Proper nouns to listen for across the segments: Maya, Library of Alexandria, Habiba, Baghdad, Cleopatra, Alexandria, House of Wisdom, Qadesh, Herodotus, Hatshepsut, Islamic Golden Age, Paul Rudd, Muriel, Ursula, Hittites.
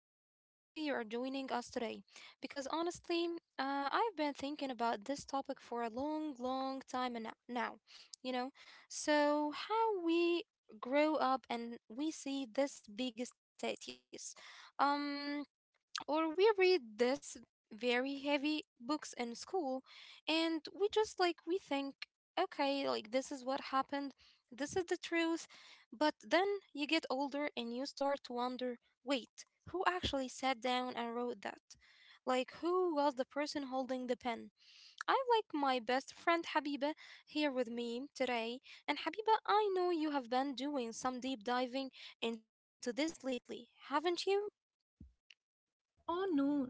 I am so happy you are joining us today because honestly, I've been thinking about this topic for a long, long time and now, you know. So, how we grow up and we see this big status. Um, or we read this very heavy books in school, and we just, like, we think, okay, like, this is what happened, this is the truth. But then you get older and you start to wonder, wait, who actually sat down and wrote that? Like, who was the person holding the pen? I have, like, my best friend Habiba here with me today. And Habiba, I know you have been doing some deep diving into this lately, haven't you? Oh no,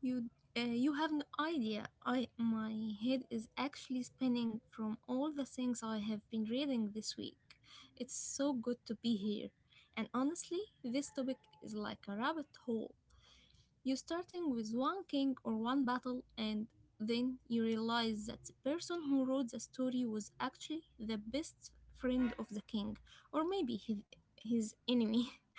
you you have no idea. I my head is actually spinning from all the things I have been reading this week. It's so good to be here. And honestly, this topic is like a rabbit hole. You're starting with one king or one battle and then you realize that the person who wrote the story was actually the best friend of the king or his enemy.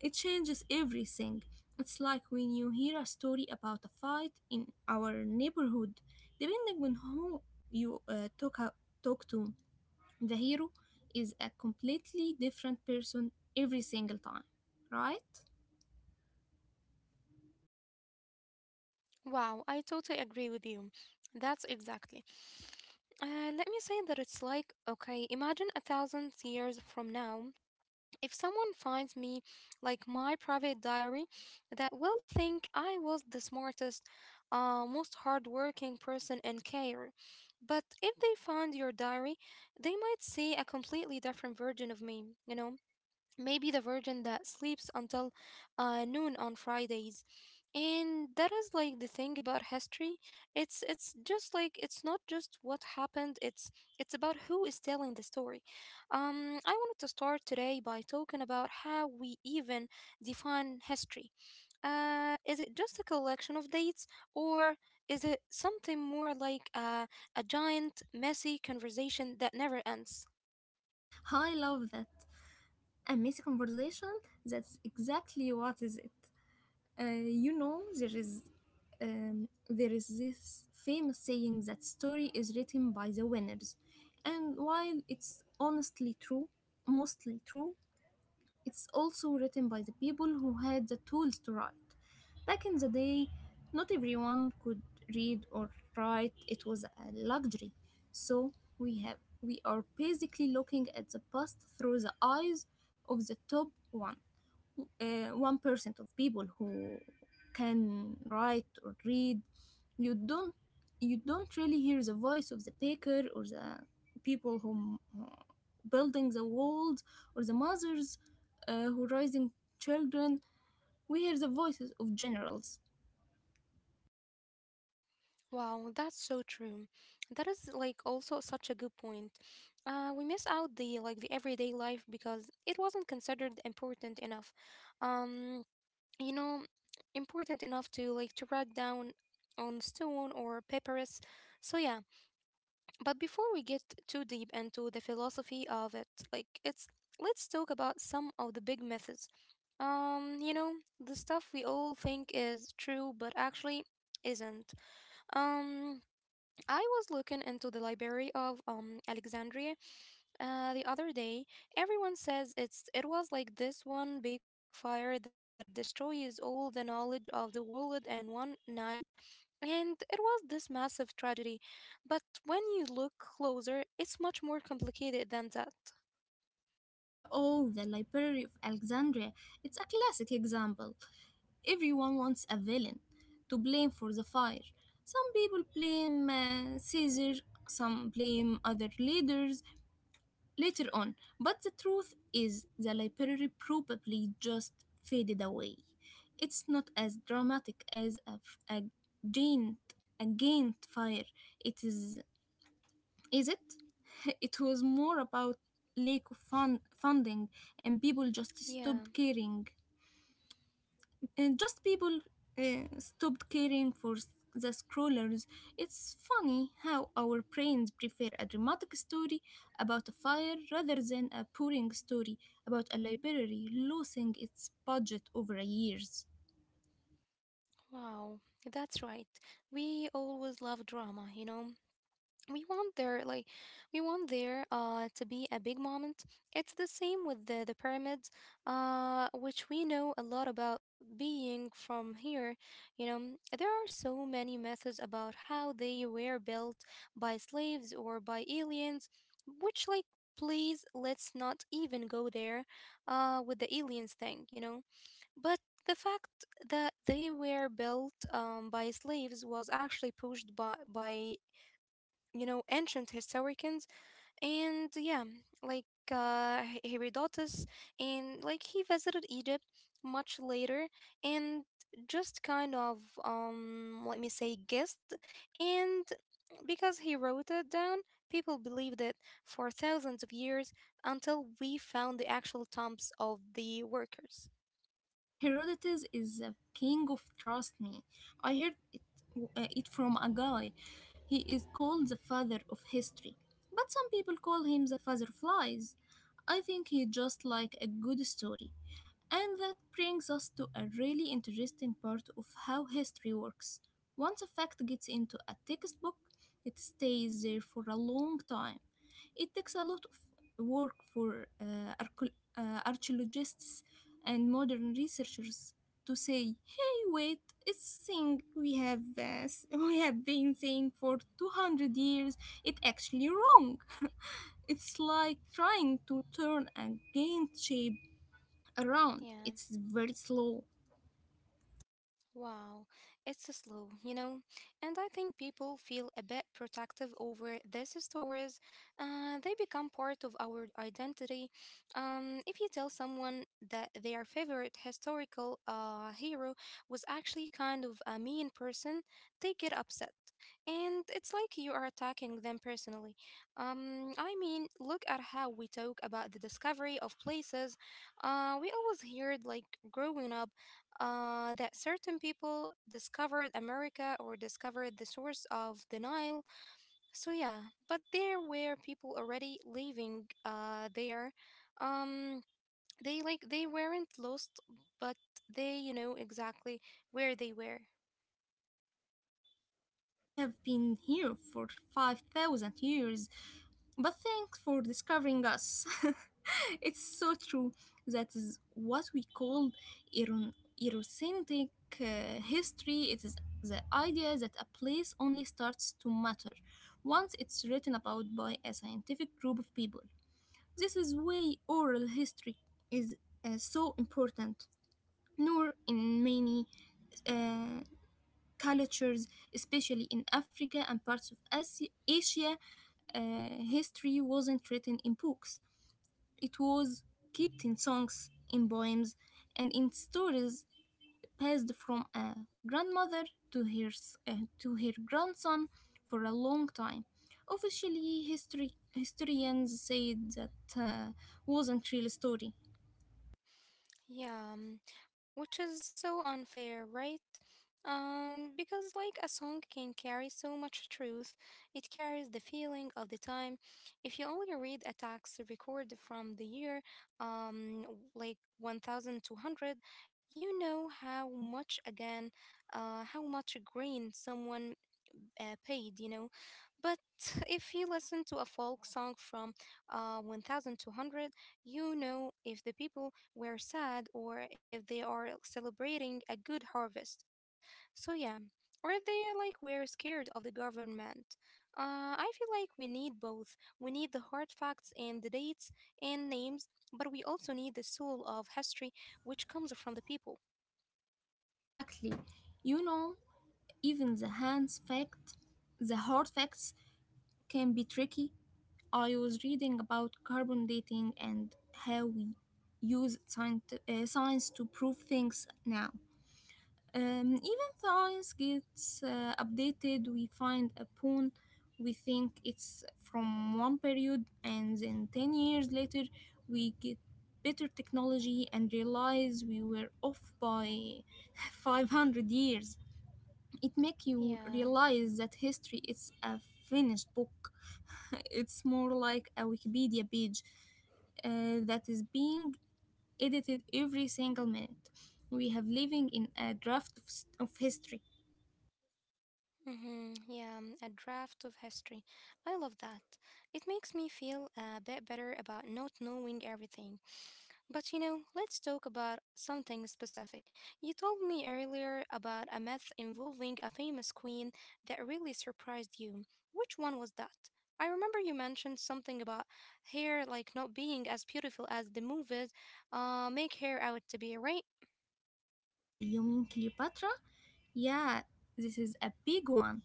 It changes everything. It's like when you hear a story about a fight in our neighborhood, depending on who you talk to, the hero is a completely different person every single time, right? Wow, I totally agree with you. That's exactly. Let me say that it's like, okay, imagine 1,000 years from now, if someone finds me, like my private diary, that will think I was the smartest, most hardworking person in Cairo. But if they find your diary, they might see a completely different version of me, you know? Maybe the virgin that sleeps until noon on Fridays. And that is like the thing about history. It's just like it's not just what happened. It's about who is telling the story. I wanted to start today by talking about how we even define history. Is it just a collection of dates, or is it something more like, a giant, messy conversation that never ends? I love that. A messy conversation, that's exactly what is it. You know, there is this famous saying that story is written by the winners, and while it's honestly true, mostly true, it's also written by the people who had the tools to write. Back in the day, not everyone could read or write. It was a luxury. So we are basically looking at the past through the eyes of the top 1 1% of people who can write or read. you don't you don't really hear the voice of the baker or the people who uh, building the walls, or the mothers who raising children. We hear the voices of generals. Wow, that's so true. That is like also such a good point. We miss out the everyday life because it wasn't considered important enough. Um, you know, important enough to write down on stone or papyrus. So yeah, but before we get too deep into the philosophy of it, like it's let's talk about some of the big myths. Um, you know, the stuff we all think is true but actually isn't. Um, I was looking into the Library of Alexandria, the other day. Everyone says it was like this one big fire that destroys all the knowledge of the world in one night, and it was this massive tragedy. But when you look closer, it's much more complicated than that. Oh, the Library of Alexandria. It's a classic example. Everyone wants a villain to blame for the fire. Some people blame Caesar, some blame other leaders later on. But the truth is, the library probably just faded away. It's not as dramatic as giant, a giant fire. It Is it? It was more about funding, and people just stopped Yeah, caring. And just people stopped caring for the scrollers. It's funny how our brains prefer a dramatic story about a fire rather than a boring story about a library losing its budget over years. wow, that's right. We always love drama. we want there like we want there to be a big moment. It's the same with the pyramids, which we know a lot about being from here, you know there are so many methods about how they were built, by slaves or by aliens, which, like, please let's not even go there, with the aliens thing, but the fact that they were built, by slaves, was actually pushed by ancient historians, and yeah, like, Herodotus, and like he visited Egypt much later, and just kind of, let me say, guessed, and because he wrote it down, people believed it for thousands of years until we found the actual tombs of the workers. Herodotus is a king of trust me. I heard it from a guy. He is called the father of history, but some people call him the father of lies. I think he just like a good story. And that brings us to a really interesting part of how history works. Once a fact gets into a textbook, it stays there for a long time. It takes a lot of work for archaeologists and modern researchers to say, "Hey, wait, it's thing we have we have been saying for 200 years. It actually wrong." It's like trying to turn a game shape around. It's Yeah. very slow. Wow, it's a slow, and I think people feel a bit protective over these stories. They become part of our identity. If you tell someone that their favorite historical, hero was actually kind of a mean person, they get upset. And it's like you are attacking them personally. I mean, look at how we talk about the discovery of places. We always heard, like, growing up, that certain people discovered America or discovered the source of the Nile. So, yeah, but there were people already living, there. Um, they weren't lost, but they, you know, exactly where they were. Excuse me, we have been here for 5,000 years, but thanks for discovering us. It's so true. That is what we call eron- erocentric history. It is the idea that a place only starts to matter once it's written about by a scientific group of people. This is why oral history is so important. Nor in many uh, cultures, especially in Africa and parts of Asia, uh, history wasn't written in books. It was kept in songs, in poems, and in stories passed from a grandmother to her grandson for a long time. Officially, history, historians said that wasn't real story. Yeah, which is so unfair, right? Because like a song can carry so much truth, it carries the feeling of the time. If you only read a tax record from the year, like 1200, you know how much grain someone paid. But if you listen to a folk song from, 1200, you know if the people were sad or if they are celebrating a good harvest. So, yeah, or if they, like, were scared of the government. I feel like we need both. We need the hard facts and the dates and names, but we also need the soul of history which comes from the people. Exactly. You know, even the hard facts can be tricky. I was reading about carbon dating and how we use science to prove things now. Even science gets updated. We find a pawn, we think it's from one period, and then 10 years later, we get better technology and realize we were off by 500 years. It make you Yeah. realize that history is a finished book. It's more like a Wikipedia page that is being edited every single minute. We have living in a draft of, of history. Hmm, yeah, a draft of history. I love that. It makes me feel a bit better about not knowing everything. But, let's talk about something specific. You told me earlier about a myth involving a famous queen that really surprised you. Which one was that? I remember you mentioned something about hair like not being as beautiful as the movies, make hair out to be, right? Oh, you mean Cleopatra? Yeah, this is a big one.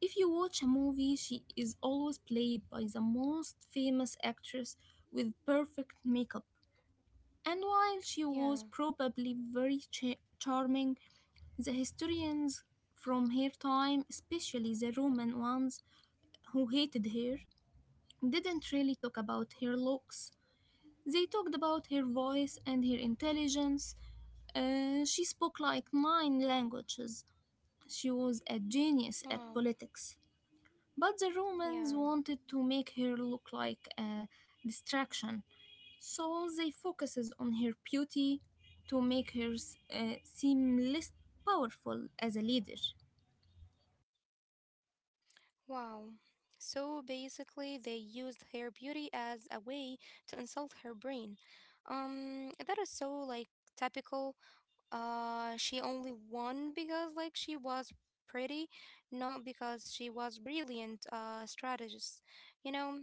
If you watch a movie, she is always played by the most famous actress with perfect makeup. And while she Yeah. was probably very charming, the historians from her time, especially the Roman ones who hated her, didn't really talk about her looks. They talked about her voice and her intelligence. She spoke like nine languages. She was a genius at Wow. politics. But the Romans Yeah. wanted to make her look like a distraction, so they focuses on her beauty to make her seem less powerful as a leader. Wow. So basically, they used her beauty as a way to insult her brain. That is so like typical, she only won because like she was pretty, not because she was brilliant, strategist, you know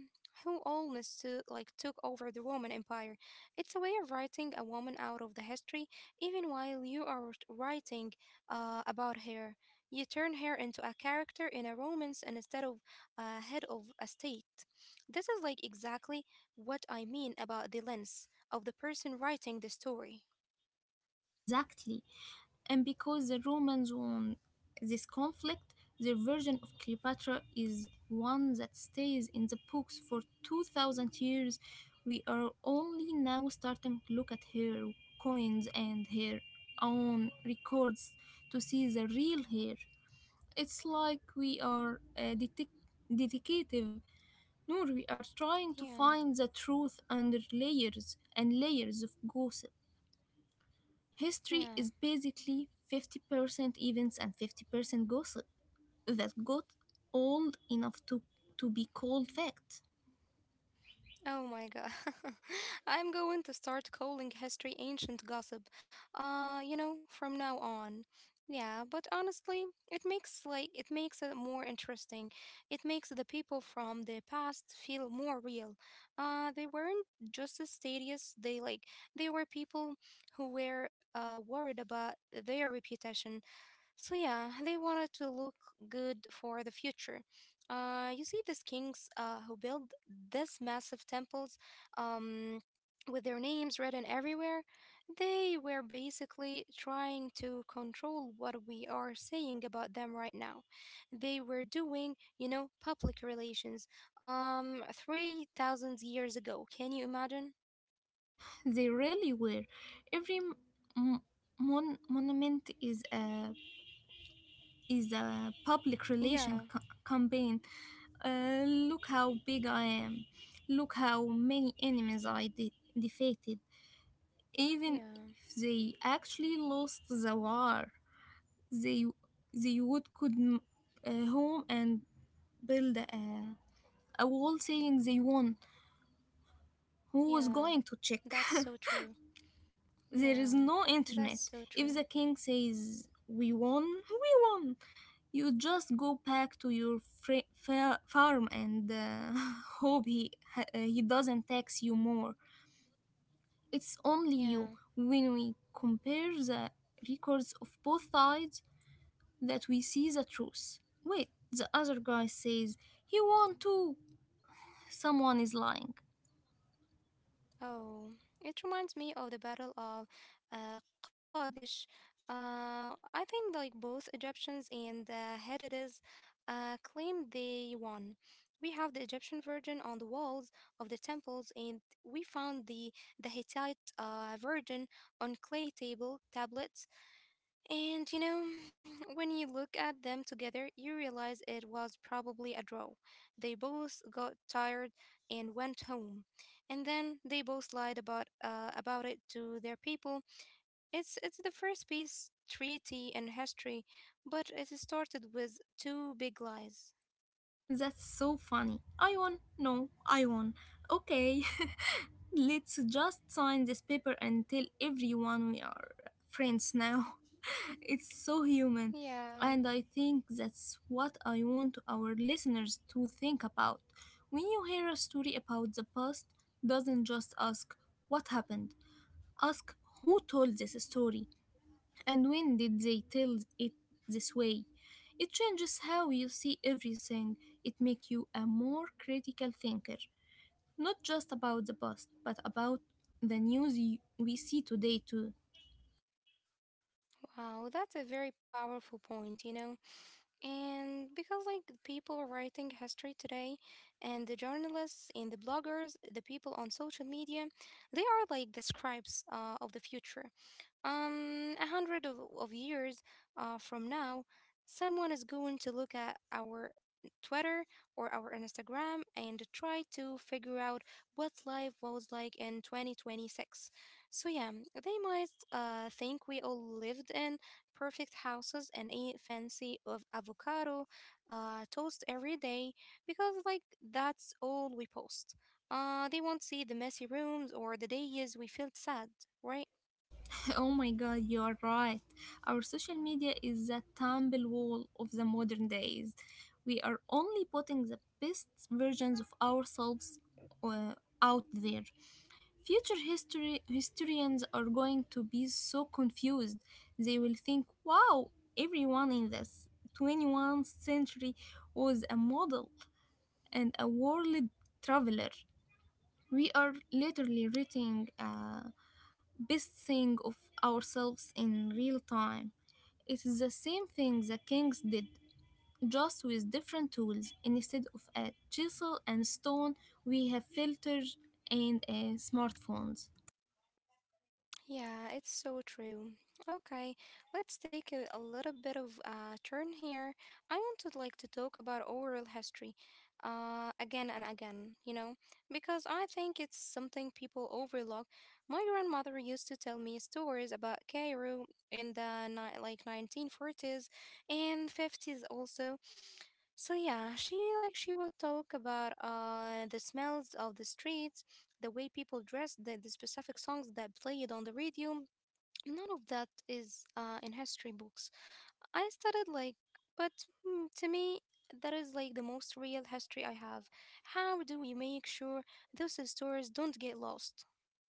who almost like took over the Roman Empire. It's a way of writing a woman out of the history even while you are writing, about her. You turn her into a character in a romance and instead of a head of a state. This is like exactly what I mean about the lens of the person writing the story. Exactly. And because the Romans won this conflict, their version of Cleopatra is one that stays in the books for 2000 years. We are only now starting to look at her coins and her own records to see the real her. It's like we are a detective. Nor we are trying to Yeah, find the truth under layers and layers of gossip. History yeah. is basically 50% events and 50% gossip that got old enough to be called fact. Oh my god. I'm going to start calling history ancient gossip. From now on. Yeah, but honestly, it makes it more interesting. It makes the people from the past feel more real. They weren't just as status, they were people who were, worried about their reputation, so yeah, they wanted to look good for the future. You see these kings, who build these massive temples, um, with their names written everywhere. They were basically trying to control what we are saying about them right now. They were doing, public relations, 3000 years ago. Can you imagine? They really were. Every m- monument is is a public Yeah. relation campaign. Look how big I am. Look how many enemies I defeated. Even Yeah. if they actually lost the war, they they would could home and build a wall saying they won. Who was Yeah. going to check? That's so true. There is no Yeah. internet. That's so If true. the king says we won, we won. You just go back to your farm and hope he he doesn't tax you more. It's Yeah. only you. When we compare the records of both sides, that we see the truth. Wait, the other guy says he won too. Someone is lying. Oh, it reminds me of the Battle of, uh, Qadesh. I think like both Egyptians and the Hittites, claimed they won. We have the Egyptian version on the walls of the temples, and we found the Hittite, version on clay tablets. And, when you look at them together, you realize it was probably a draw. They both got tired and went home. And then they both lied about it to their people. It's the first peace treaty in history, but it started with two big lies. That's so funny. I won. No, I won. Okay, let's just sign this paper and tell everyone we are friends now. It's so human. Yeah, And I think that's what I want our listeners to think about. When you hear a story about the past, doesn't just ask what happened, ask who told this story. And when did they tell it this way? It changes how you see everything. It makes you a more critical thinker, not just about the past, but about the we see today too. wow, that's a very powerful point. And because like people writing history today and the journalists and the bloggers, the people on social media, they are like the scribes, of the future. A hundred of years, from now, someone is going to look at our Twitter or our Instagram and try to figure out what life was like in 2026. So yeah, they might, think we all lived in perfect houses and ate fancy of avocado, toast every day because like that's all we post. They won't see the messy rooms or the days we felt sad, right? Oh my god, you are right. Our social media is the tumble wall of the modern days. We are only putting the best versions of ourselves uh, out there. Future history historians are going to be so confused. They will think, "Wow, everyone in this 21st century was a model and a world traveler." We are literally writing a best thing of ourselves in real time. It is the same thing the kings did, just with different tools. Instead of a chisel and stone, we have filters and smartphones. Yeah, it's so true. Okay, let's take a little bit of a turn here. I wanted like to talk about oral history, again and again, because I think it's something people overlook. My grandmother used to tell me stories about Cairo in the like 1940s and 50s also. So yeah, she would talk about, the smells of the streets, the way people dressed, the specific songs that played on the radio. None of that is, in history books. I studied like, but, to me, that is like the most real history I have. How do we make sure those stores don't get lost?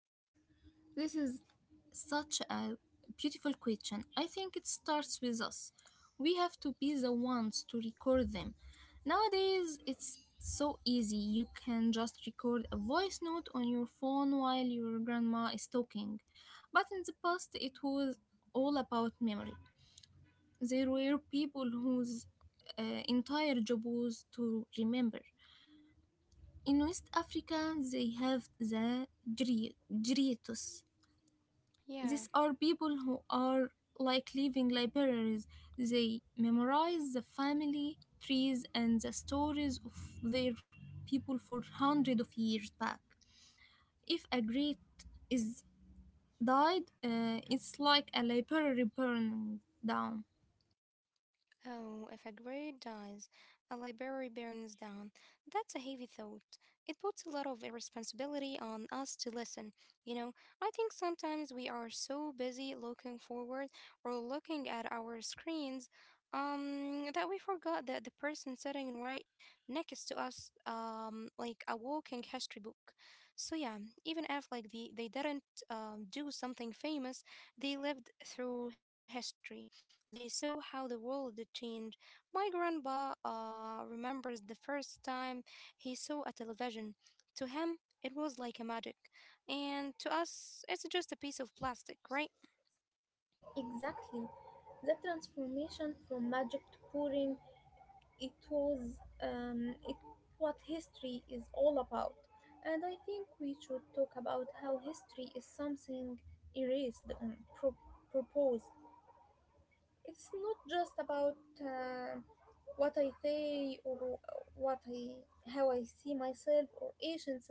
This is such a beautiful question. I think it starts with us. We have to be the ones to record them. Nowadays, it's so easy. You can just record a voice note on your phone while your grandma is talking. But in the past, it was all about memory. There were people whose uh, entire job was to remember. In West Africa, they have the gritos. These are Yeah. people who are like living libraries. They memorize the family trees and the stories of their people for hundreds of years back. If a great is died, it's like a library burning down. Oh, if a grade dies, a library burns down. That's a heavy thought. It puts a lot of responsibility on us to listen. You know, I think sometimes we are so busy looking forward or looking at our screens, that we forgot that the person sitting right next to us, like a walking history book. So yeah, even if like they didn't, do something famous, they lived through history. They saw how the world changed. My grandpa, remembers the first time he saw a television. To him, it was like a magic. And to us, it's just a piece of plastic, right? Exactly. The transformation from magic to boring, it was what history is all about. And I think we should talk about how history is something erased on pro- proposed. It's not just about uh, what I say or what I how I see myself or agents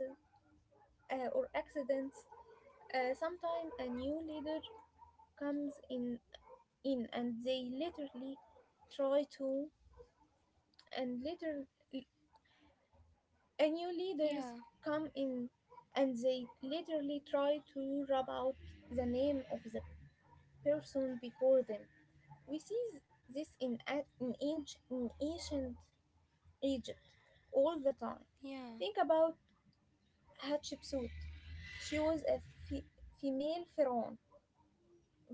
or accidents. Sometimes a new leader comes in and they literally try to and later a new leaders Yeah, come in and they literally try to rub out the name of the person before them. We see this in, in ancient Egypt all the time. yeah, Think about Hatshepsut. She was a fe- female pharaoh,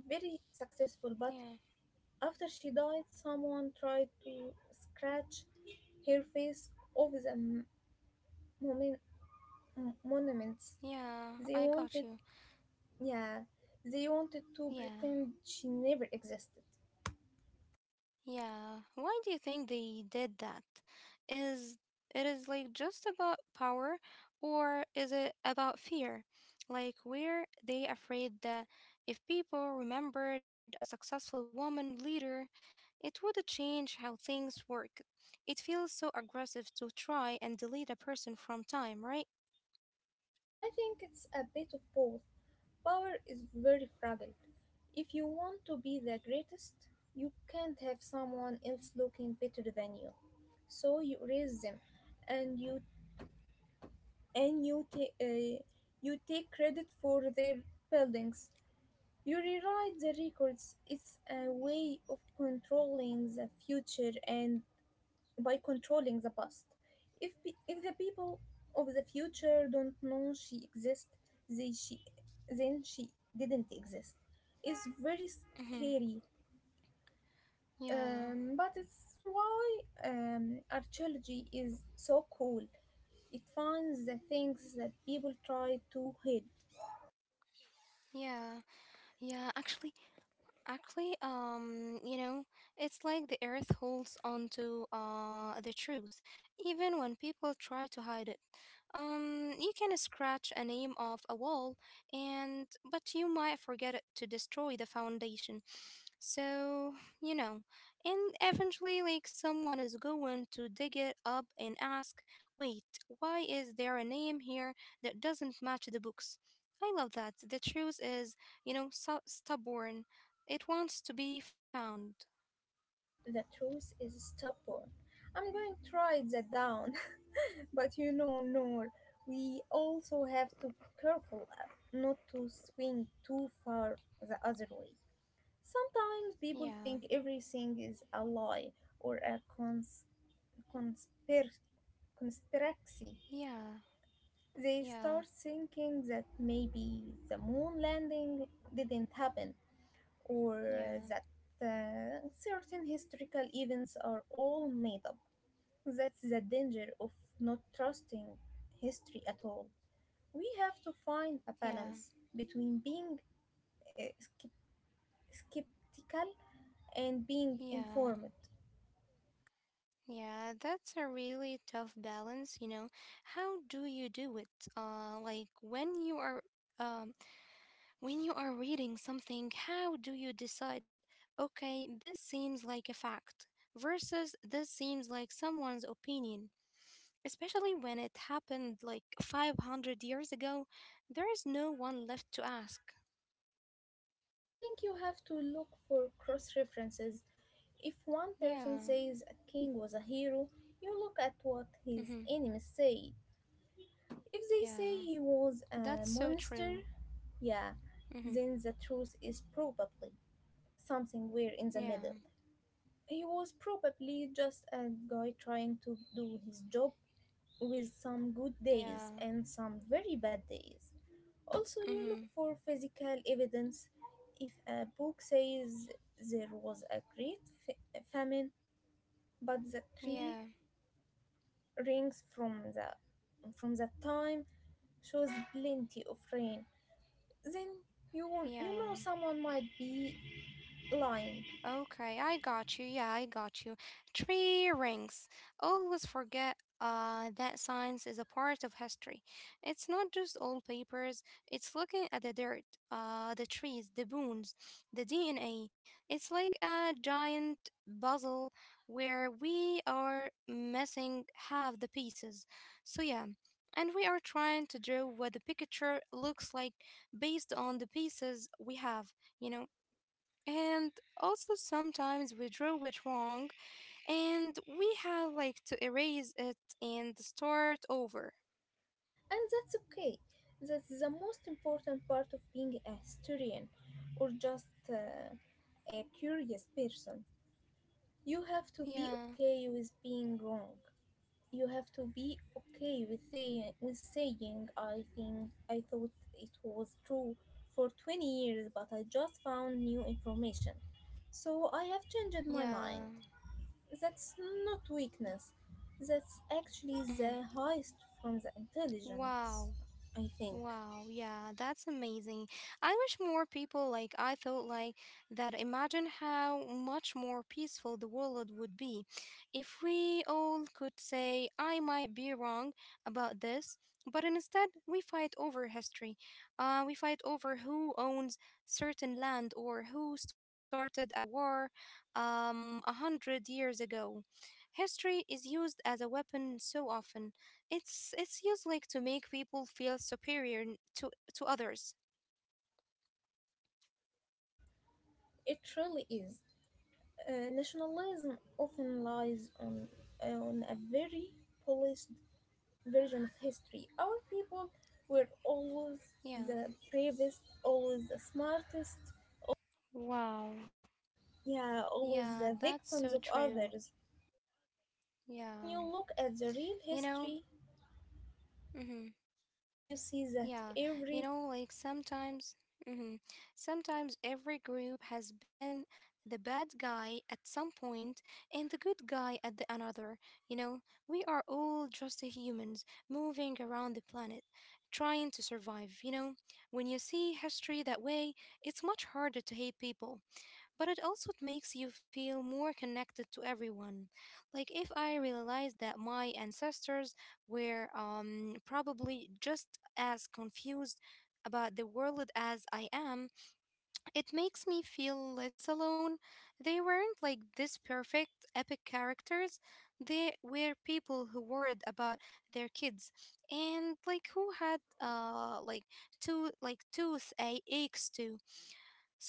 very successful, but yeah, after she died, someone tried to scratch her face off the mon- monuments. They yeah, I wanted. got you. Yeah, they wanted to pretend Yeah. she never existed. Yeah, why do you think they did that? Is it is like just about power, or is it about fear? Like, were they afraid that if people remembered a successful woman leader, it would change how things work? It feels so aggressive to try and delete a person from time, right? I think it's a bit of both. Power is very fragile. If you want to be the greatest, you can't have someone else looking better than you. So you raise them, and and you take uh, you take credit for their buildings. You rewrite the records. It's a way of controlling the future and by controlling the past. If, the people of the future don't know she exists, they, she, then she didn't exist. It's very Mhm. scary, Yeah. But it's why archaeology is so cool. It finds the things that people try to hide. Yeah. Yeah, actually, it's like the earth holds on to the truth, even when people try to hide it. You can scratch a name off a wall, and but you might forget it to destroy the foundation. So, you know, and eventually, like someone is going to dig it up and ask, "Wait, why is there a name here that doesn't match the books?" I love that. The truth is, so stubborn it wants to be found. The truth is stubborn. I'm going to write that down. But you know, Noor, we also have to be careful not to swing too far the other way. Sometimes people Yeah, think everything is a lie or a conspir- conspiracy. yeah, They yeah, start thinking that maybe the moon landing didn't happen or yeah, that certain historical events are all made up. That's the danger of not trusting history at all. We have to find a yeah, balance between being uh, skep- skeptical and being yeah, informed. yeah. That's a really tough balance, you know. How do you do it? Like um, when you are reading something, how do you decide? Okay, this seems like a fact versus this seems like someone's opinion. Especially when it happened like 500 years ago, there is no one left to ask. I think you have to look for cross references. If one person Yeah. says a king was a hero, you look at what Mm-hmm. his enemies say. If they Yeah, say he was that's a so true. monster, yeah, Mm-hmm. then the truth is probably something weird in the Yeah, middle. He was probably just a guy trying to do his job with some good yeah, days and some very bad days. Also, you look mm-hmm. for physical evidence. If a book says there was a famine, but the Yeah, tree rings from the from that time shows plenty of rain, then you won't, you yeah. know someone might be lying. Okay, I got you. Yeah, I got you. Tree rings. Always forget that science is a part of history. It's not just old papers, it's looking at the dirt, the trees, the bones, the DNA. It's like a giant puzzle where we are missing half the pieces. So, yeah. And we are trying to draw what the picture looks like based on the pieces we have, you know. And also sometimes we drew it wrong and we have like to erase it and start over. And that's okay. That's the most important part of being a historian or just a curious person. You have to be Yeah, okay with being wrong. You have to be okay with saying I think I thought it was true for 20 years, but I just found new information. So I have changed my mind. yeah. That's not weakness. That's actually the Mhm. highest from the intelligence, Wow. I think. Wow, yeah, that's amazing. I wish more people like I thought like that. Imagine how much more peaceful the world would be if we all could say I might be wrong about this, but instead we fight over history. We fight over who owns certain land, or who started a war 100 years ago. History is used as a weapon so often. It's used like to make people feel superior to others. It really is. Nationalism often lies on a very polished version of history. Our people were always Yeah. the bravest, always the smartest, Wow. yeah, always the Yeah, that's victims of so true. others. When you Yeah. look at the real You know? history, Mhm. you see that Yeah, you every know, like sometimes, hmm sometimes every group has been the bad guy at some point and the good guy at the another. You know, we are all just humans moving around the planet, trying to survive. You know, when you see history that way, it's much harder to hate people. But it also makes you feel more connected to everyone. Like, if I realized that my ancestors were probably just as confused about the world as I am, it makes me feel less alone. They weren't like this perfect epic characters. They were people who worried about their kids, and like who had like two like aches too.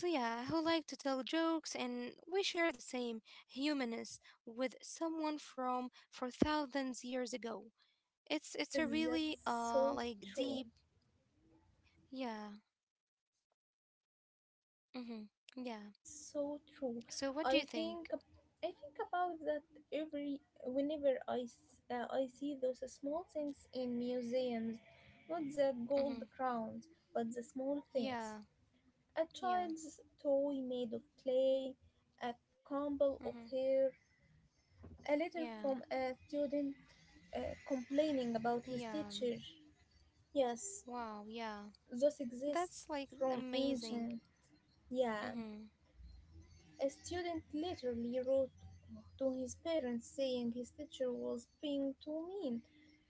So yeah, who like to tell jokes, and we share the same humanness with someone from for thousands years ago. It's it's a really that's so like true. deep. Yeah. Mhm. Yeah. That's so true. So I what do you think think? I think about that every whenever I see those small things in museums, not the gold Mhm. crowns, but the small things. Yeah. A child's Yeah. toy made of clay, a crumble of Mhm. hair, a letter Yeah. from a student complaining about his Yeah. teacher. Yes, Wow, yeah. those exist That's like from ancient. amazing. Yeah, Mhm. a student literally wrote to his parents saying his teacher was being too mean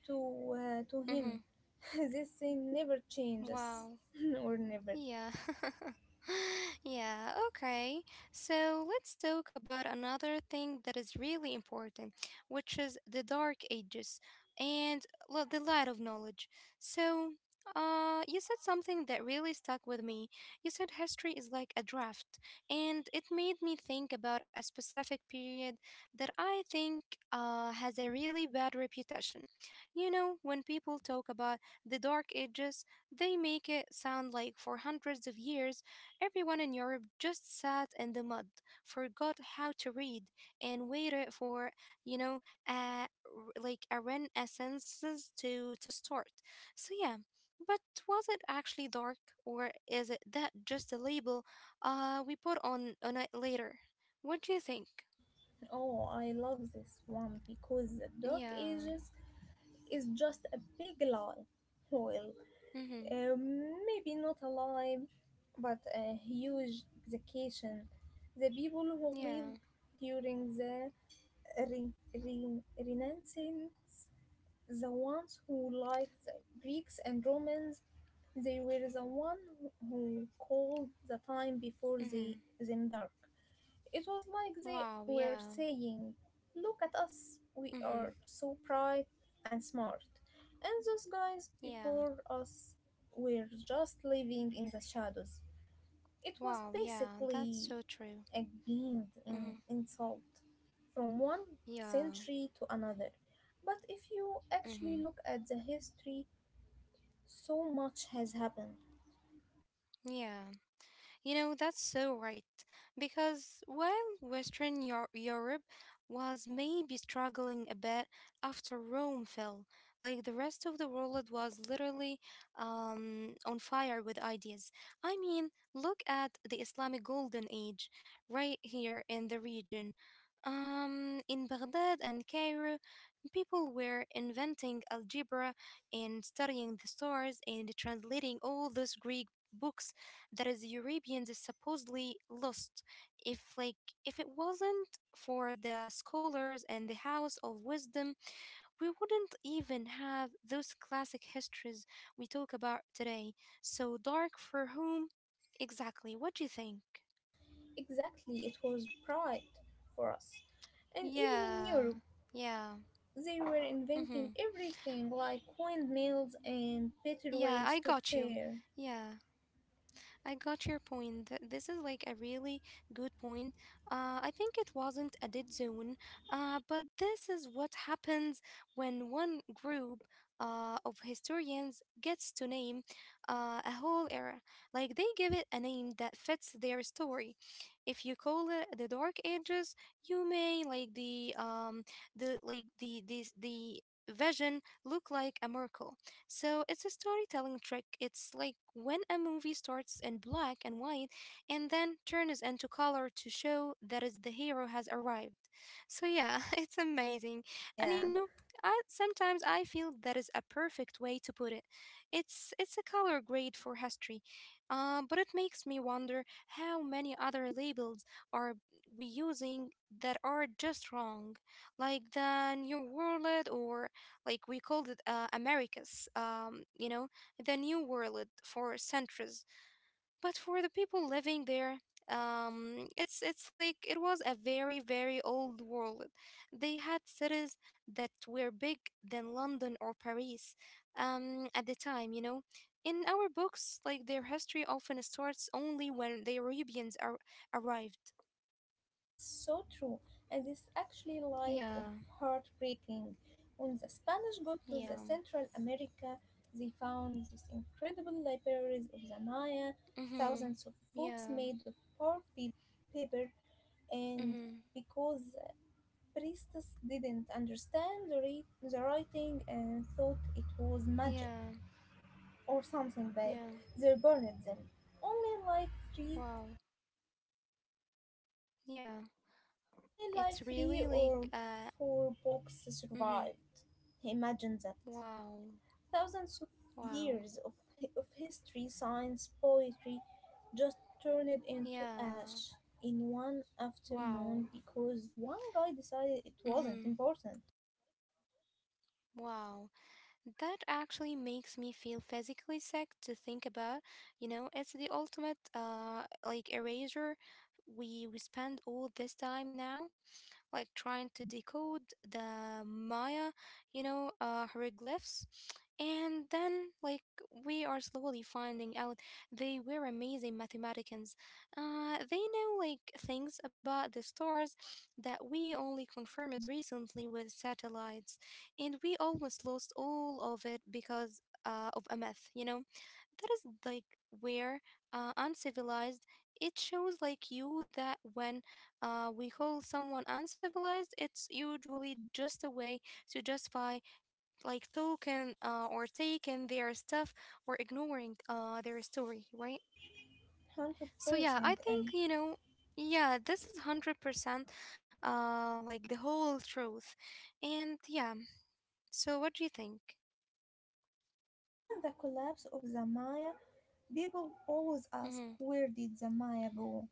to Mhm. him. this thing never Wow. changes, or never. Yeah. Yeah, okay. So let's talk about another thing that is really important, which is the dark ages and the light of knowledge. So, you said something that really stuck with me. You said history is like a draft, and it made me think about a specific period that I think has a really bad reputation. You know, when people talk about the dark ages, they make it sound like for hundreds of years, everyone in Europe just sat in the mud, forgot how to read, and waited for, you know, a, r- like a renaissance to start. So, yeah, but was it actually dark, or is it that just a label we put on it later? What do you think? Oh, I love this one because the Dark Yeah. Ages is just a big lie. Well, Mm-hmm. Maybe not a lie, but a huge exaggeration. The people who lived Yeah. during the Renaissance, the ones who liked the Greeks and Romans, they were the one who called the time before Mm-hmm. them dark. It was like they Wow. were Yeah. saying, look at us, we Mm-hmm. are so bright and smart. And those guys Yeah. before us were just living in the shadows. It was Wow. Yeah. basically That's so true. again in Mm-hmm. insult from one Yeah. century to another. But if you Mm-hmm. actually look at the history, so much has happened. Yeah. You know, that's so right. Because while Europe was maybe struggling a bit after Rome fell, like the rest of the world was literally on fire with ideas. I mean, look at the Islamic Golden Age right here in the region. In Baghdad and Cairo, people were inventing algebra and studying the stars and translating all those Greek books that is Europeans is supposedly lost. If like if it wasn't for the scholars and the house of wisdom, we wouldn't even have those classic histories we talk about today. So dark for whom? Exactly. What do you think? Exactly, it was pride for us. And even in Yeah. Europe, Yeah. they were Mm-hmm. inventing everything like windmills and Yeah, better I ways got to you. fare. Yeah. I got your point. This is like a really good point. I think it wasn't a dead zone, but this is what happens when one group of historians gets to name a whole era. Like they give it a name that fits their story. If you call it the Dark Ages, you may like the vision look like a miracle, so it's a storytelling trick. It's like when a movie starts in black and white and then turns into color to show that is the hero has arrived. So yeah, it's amazing. And Yeah. you know, I feel that is a perfect way to put it. It's a color grade for history. But it makes me wonder how many other labels are we using that are just wrong, like the New World, or like we called it Americas, you know, the New World for centuries. But for the people living there, it's it was a very very old world. They had cities that were big than London or Paris, at the time, you know. In our books, like their history often starts only when the Arabians are arrived. It's so true, and it's actually like of Yeah, heartbreaking. When the Spanish got to yeah. the Central America, they found these incredible libraries of the Maya, thousands Mhm. of books made Yeah. of paper, and Mhm. because priests didn't understand the writing and thought it was magic Yeah. or something bad, Yeah. they burned them. Only like three Wow. Yeah, Only like it's three really or like four books mhm, survived. Imagine that. wow, Thousands of wow, years of, of history, science, poetry just turned into ash yeah, in one afternoon wow, because one guy decided it wasn't mhm, important. wow, that actually makes me feel physically sick to think about. You know, it's the ultimate like eraser. We spend all this time now like trying to decode the Maya, you know, hieroglyphs. And then, like, we are slowly finding out they were amazing mathematicians. They know, like, things about the stars that we only confirmed recently with satellites. And we almost lost all of it because of a myth, you know? That is like where uncivilized, it shows like you that when we call someone uncivilized, it's usually just a way to justify like token or taking their stuff, or ignoring their story, right? So 100%. yeah, I And think, you know, yeah, this is 100% like the whole truth. And yeah, so what do you think? even the collapse of the Maya, people always Mm-hmm. ask, where did the Maya go?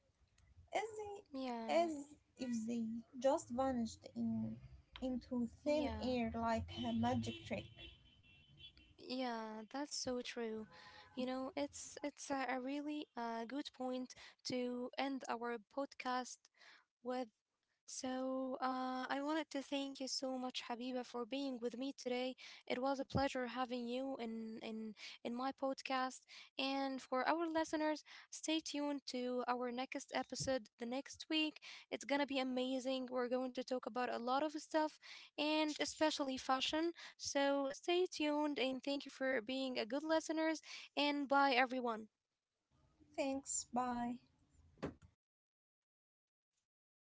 Yeah, As if they just vanished in into thin yeah. air like a magic trick. Yeah, that's so true. You know, it's a really good point to end our podcast with. So, I wanted to thank you so much, Habiba, for being with me today. It was a pleasure having you in my podcast. And for our listeners, stay tuned to our next episode the next week. It's gonna be amazing. We're going to talk about a lot of stuff, and especially fashion. So stay tuned, and thank you for being a good listeners. And bye, everyone. Thanks, bye.